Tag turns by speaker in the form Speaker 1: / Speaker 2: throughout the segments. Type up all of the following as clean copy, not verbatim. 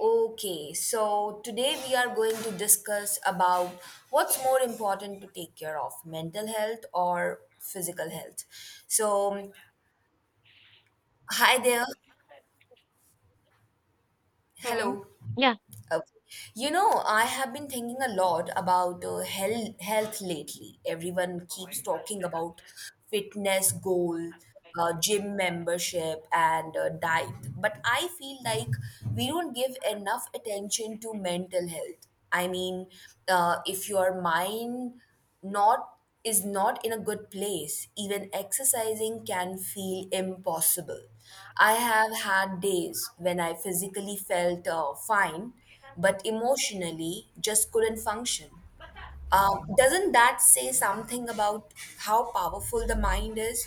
Speaker 1: Okay, so today we are going to discuss about what's more important to take care of, mental health or physical health. So, hi there.
Speaker 2: Mm,
Speaker 1: Hello.
Speaker 2: yeah.
Speaker 1: Okay. You know, I have been thinking a lot about health lately. Everyone keeps talking about fitness goal, gym membership, and diet. But I feel like we don't give enough attention to mental health. I mean, if your mind not is not in a good place, even exercising can feel impossible. I have had days when I physically felt fine but emotionally just couldn't function. Doesn't that say something about how powerful the mind is?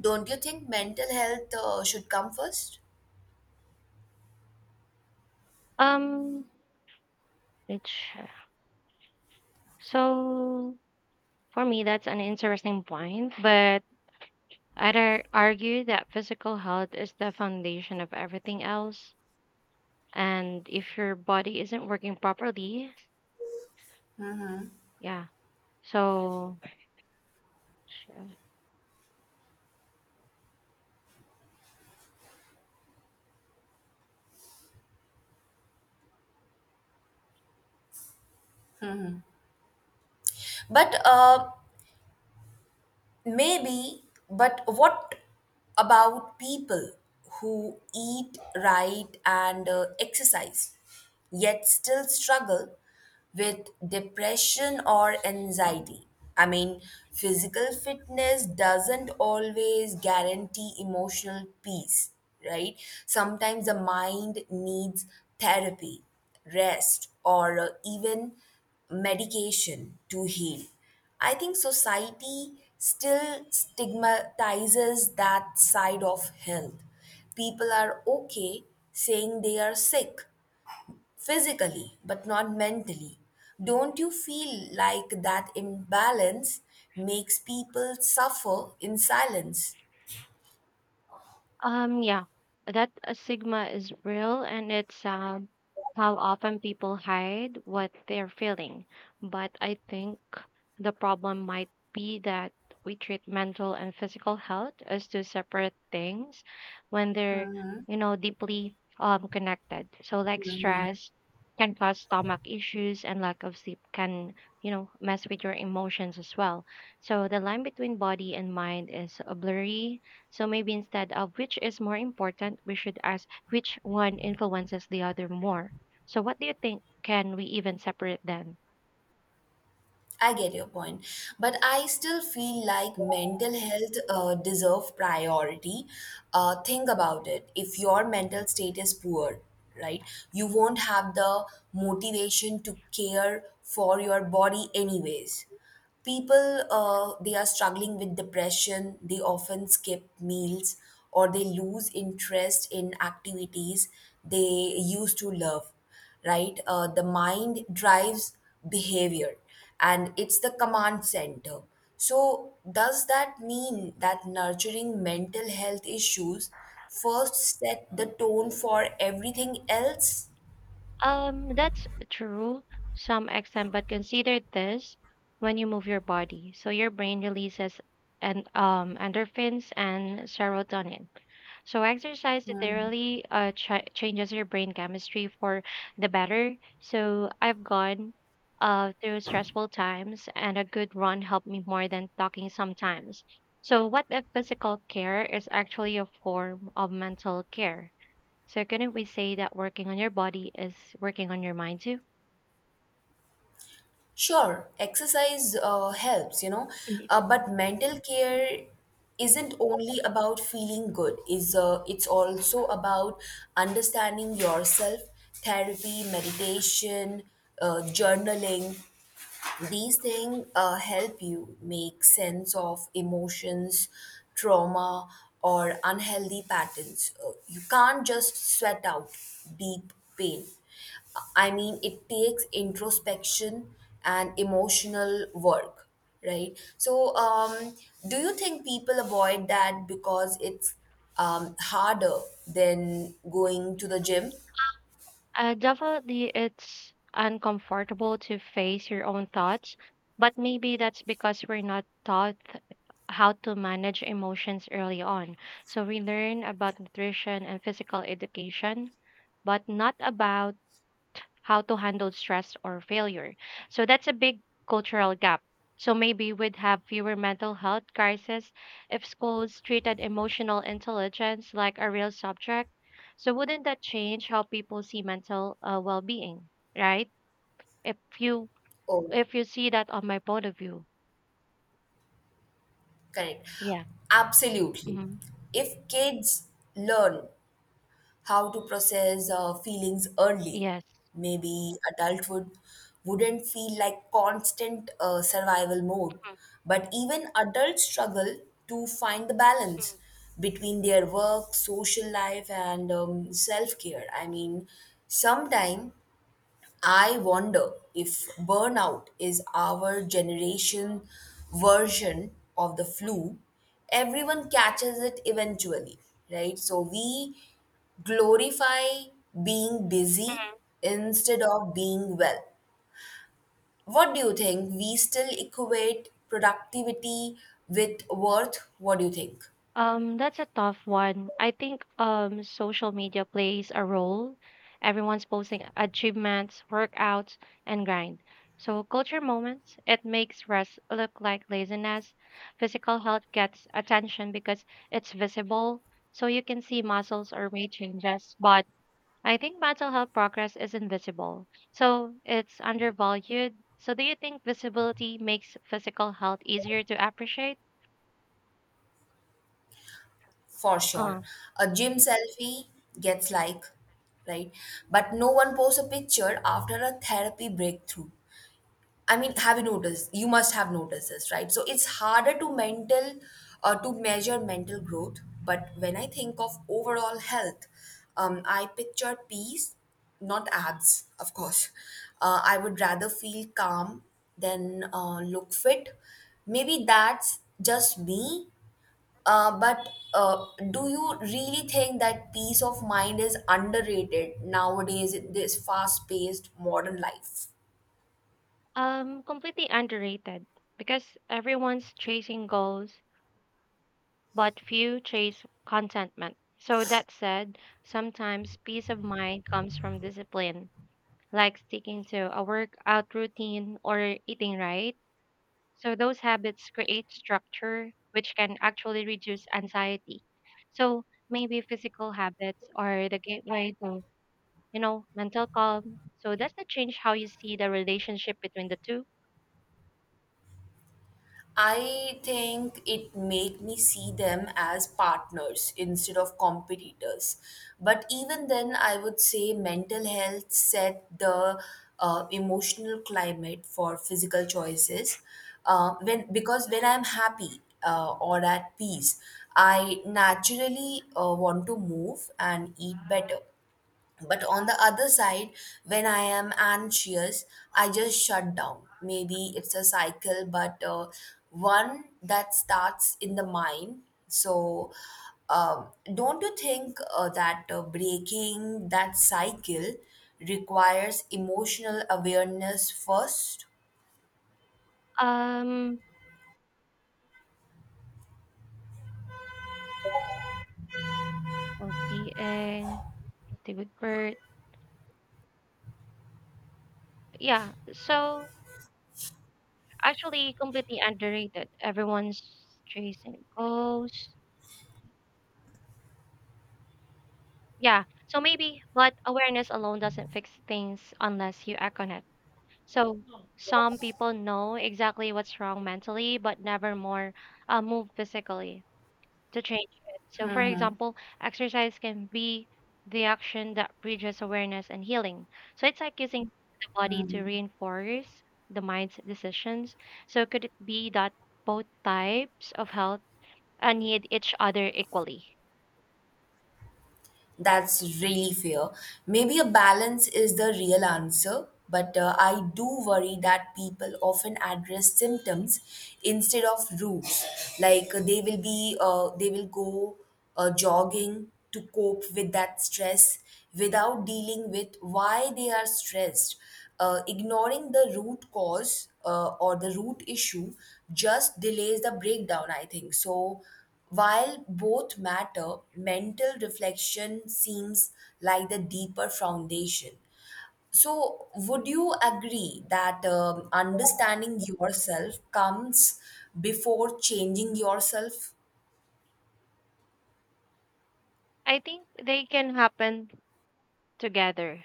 Speaker 1: Don't you think mental health should come first?
Speaker 2: Um, Which so for me that's an interesting point, but I'd argue that physical health is the foundation of everything else, and if your body isn't working properly, yeah. So sure.
Speaker 1: But Maybe, but what about people who eat right and exercise, yet still struggle with depression or anxiety? I mean, physical fitness doesn't always guarantee emotional peace, right? Sometimes the mind needs therapy, rest, or even medication to heal. I think society still stigmatizes that side of health. People are okay saying they are sick physically, but not mentally. Don't you feel like that imbalance makes people suffer in silence?
Speaker 2: Yeah, that stigma is real, and it's how often people hide what they're feeling. But I think the problem might be that we treat mental and physical health as two separate things when they're, you know, deeply connected. So, like stress can cause stomach issues, and lack of sleep can, you know, mess with your emotions as well. So the line between body and mind is blurry, so maybe instead of which is more important, we should ask which one influences the other more. So what do you think? Can we even separate them?
Speaker 1: I get your point, but I still feel like mental health deserve priority. Think about it. If your mental state is poor, right, you won't have the motivation to care for your body anyways. People, they are struggling with depression, they often skip meals or they lose interest in activities they used to love, right? The mind drives behavior and it's the command center. So, does that mean that nurturing mental health issues first set the tone for everything else?
Speaker 2: That's true, some extent, but consider this when you move your body. So your brain releases and endorphins and serotonin. So exercise literally changes your brain chemistry for the better. So I've gone through stressful times and a good run helped me more than talking sometimes. So what if physical care is actually a form of mental care? So couldn't we say that working on your body is working on your mind too?
Speaker 1: Sure, exercise helps, you know,
Speaker 2: Mhm.
Speaker 1: but mental care isn't only about feeling good. Is it's also about understanding yourself, therapy, meditation, journaling. These things help you make sense of emotions, trauma, or unhealthy patterns. You can't just sweat out deep pain. I mean, it takes introspection and emotional work, right? So, do you think people avoid that because it's harder than going to the gym?
Speaker 2: Definitely, it's uncomfortable to face your own thoughts, but maybe that's because we're not taught how to manage emotions early on. So we learn about nutrition and physical education, but not about how to handle stress or failure. So that's a big cultural gap. So maybe we'd have fewer mental health crises if schools treated emotional intelligence like a real subject. So wouldn't that change how people see mental well-being, right? If you
Speaker 1: Oh.
Speaker 2: if you see that on my point of view,
Speaker 1: Correct.
Speaker 2: yeah,
Speaker 1: Absolutely.
Speaker 2: hmm,
Speaker 1: If kids learn how to process feelings early,
Speaker 2: yes.
Speaker 1: maybe adulthood wouldn't feel like constant survival mode. But even adults struggle to find the balance between their work, social life, and self care. I mean, sometimes I wonder if burnout is our generation version of the flu. Everyone catches it eventually, right? So we glorify being busy instead of being well. What do you think? We still equate productivity with worth. What do you think?
Speaker 2: That's a tough one. I think social media plays a role. Everyone's posting achievements, workouts, and grind. So culture moments, it makes rest look like laziness. Physical health gets attention because it's visible, so you can see muscles or weight changes. But I think mental health progress is invisible, so it's undervalued. So do you think visibility makes physical health easier to appreciate?
Speaker 1: For
Speaker 2: Uh.
Speaker 1: sure. A gym selfie gets like, right? But no one posts a picture after a therapy breakthrough. I mean, have you noticed? You must have noticed this, right? So it's harder to measure mental growth. But when I think of overall health, I picture peace, not abs, of course. I would rather feel calm than look fit. Maybe that's just me. But Do you really think that peace of mind is underrated nowadays in this fast-paced modern life?
Speaker 2: Completely underrated because everyone's chasing goals, but few chase contentment. So that said, sometimes peace of mind comes from discipline, like sticking to a workout routine or eating right. So those habits create structure, which can actually reduce anxiety. So maybe physical habits are the gateway to, you know, mental calm. So does that change how you see the relationship between the two?
Speaker 1: I think it made me see them as partners instead of competitors. But even then, I would say mental health set the emotional climate for physical choices. When because when I'm happy or at peace, I naturally want to move and eat better. But on the other side, when I am anxious, I just shut down. Maybe it's a cycle, but one that starts in the mind. So, um, don't you think that breaking that cycle requires emotional awareness first?
Speaker 2: Um, Well-being, the good birth. Yeah. So actually completely underrated. Everyone's chasing goals. Yeah. So maybe, but awareness alone doesn't fix things unless you act on it. So Oh. Some people know exactly what's wrong mentally, but never more move physically to change it. So, for example, exercise can be the action that bridges awareness and healing. So, it's like using the body to reinforce the mind's decisions. So, could it be that both types of health need each other equally?
Speaker 1: That's really fair. Maybe a balance is the real answer, but I do worry that people often address symptoms instead of roots. Like they will go jogging to cope with that stress without dealing with why they are stressed. Ignoring the root cause or the root issue just delays the breakdown, I think. So while both matter, mental reflection seems like the deeper foundation. So, would you agree that understanding yourself comes before changing yourself?
Speaker 2: I think they can happen together.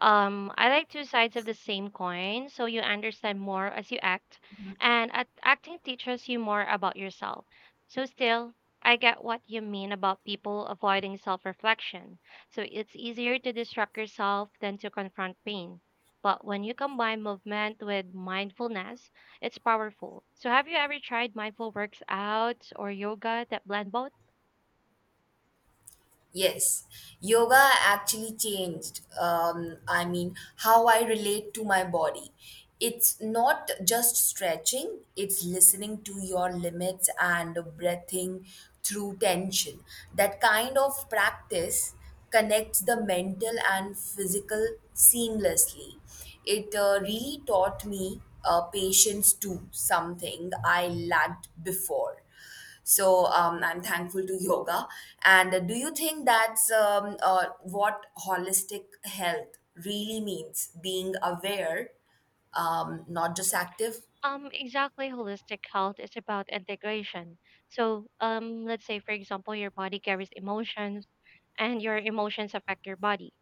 Speaker 2: I like two sides of the same coin, so you understand more as you act, and at acting teaches you more about yourself. So still, I get what you mean about people avoiding self-reflection. So it's easier to distract yourself than to confront pain. But when you combine movement with mindfulness, it's powerful. So have you ever tried mindful workouts or yoga that blend both?
Speaker 1: Yes, yoga actually changed, I mean, how I relate to my body. It's not just stretching, it's listening to your limits and breathing through tension. That kind of practice connects the mental and physical seamlessly. It really taught me patience too, something I lacked before. So I'm thankful to yoga. And do you think that's what holistic health really means? Being aware, not just active.
Speaker 2: Exactly. Holistic health is about integration. So, let's say, for example, your body carries emotions and your emotions affect your body.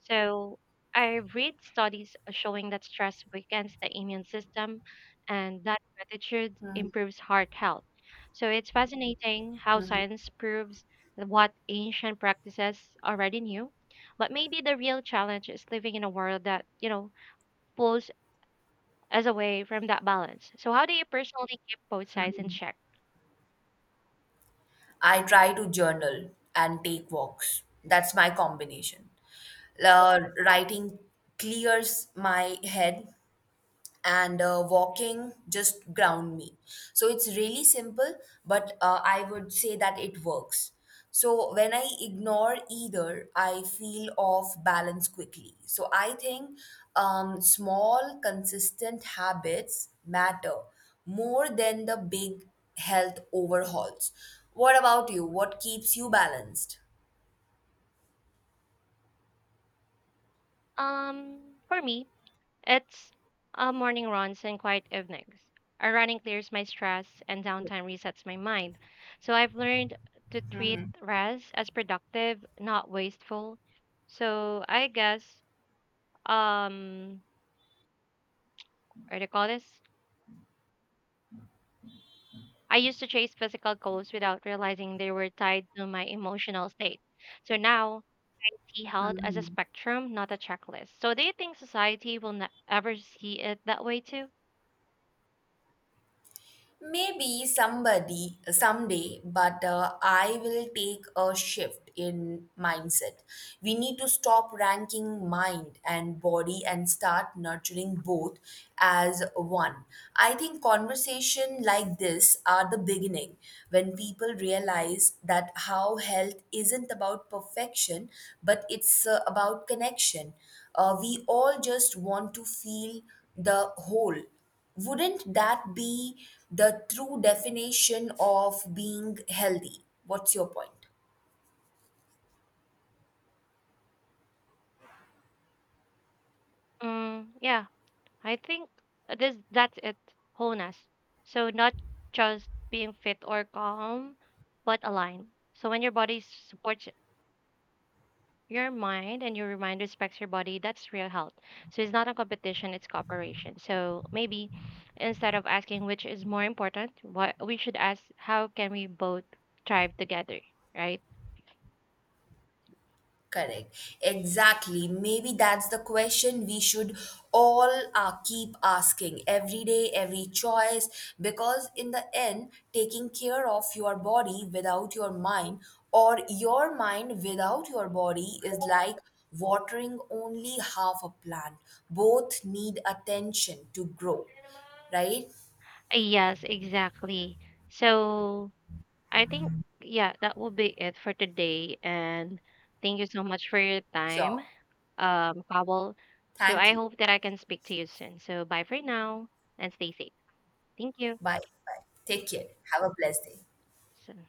Speaker 2: So, I read studies showing that stress weakens the immune system and that gratitude improves heart health. So, it's fascinating how science proves what ancient practices already knew. But maybe the real challenge is living in a world that, you know, pulls as a way from that balance. So how do you personally keep both sides in check?
Speaker 1: I try to journal and take walks. That's my combination. Uh, Writing clears my head and walking just ground me, so it's really simple but I would say that it works. So when I ignore either I feel off balance quickly, so I think small consistent habits matter more than the big health overhauls. What about you, what keeps you balanced?
Speaker 2: For me, it's morning runs and quiet evenings. Running clears my stress and downtime resets my mind. So I've learned to treat rest as productive, not wasteful. So I guess um, what do you call this? I used to chase physical goals without realizing they were tied to my emotional state. So now I see health as a spectrum, not a checklist. So do you think society will ever see it that way too?
Speaker 1: Maybe somebody someday, but I will take a shift in mindset. We need to stop ranking mind and body and start nurturing both as one. I think conversation like this are the beginning when people realize that how health isn't about perfection, but it's about connection. We all just want to feel the whole. Wouldn't that be the true definition of being healthy? What's your point?
Speaker 2: Mm, yeah, I think this that's it, wholeness. So not just being fit or calm, but aligned. So when your body supports your mind and your mind respects your body, that's real health. So it's not a competition, it's cooperation. So maybe instead of asking which is more important, what we should ask how can we both thrive together, right?
Speaker 1: Correct. Exactly. Maybe that's the question we should all keep asking every day, every choice, because in the end, taking care of your body without your mind or your mind without your body is like watering only half a plant. Both need attention to grow, right?
Speaker 2: Yes, exactly. So I think, yeah, that will be it for today and thank you so much for your time.
Speaker 1: Sure.
Speaker 2: Kabul. So
Speaker 1: Thank
Speaker 2: I
Speaker 1: you.
Speaker 2: hope that I can speak to you soon. So bye for now and stay safe. Thank you.
Speaker 1: Bye. Bye. Take care. Have a blessed day.
Speaker 2: So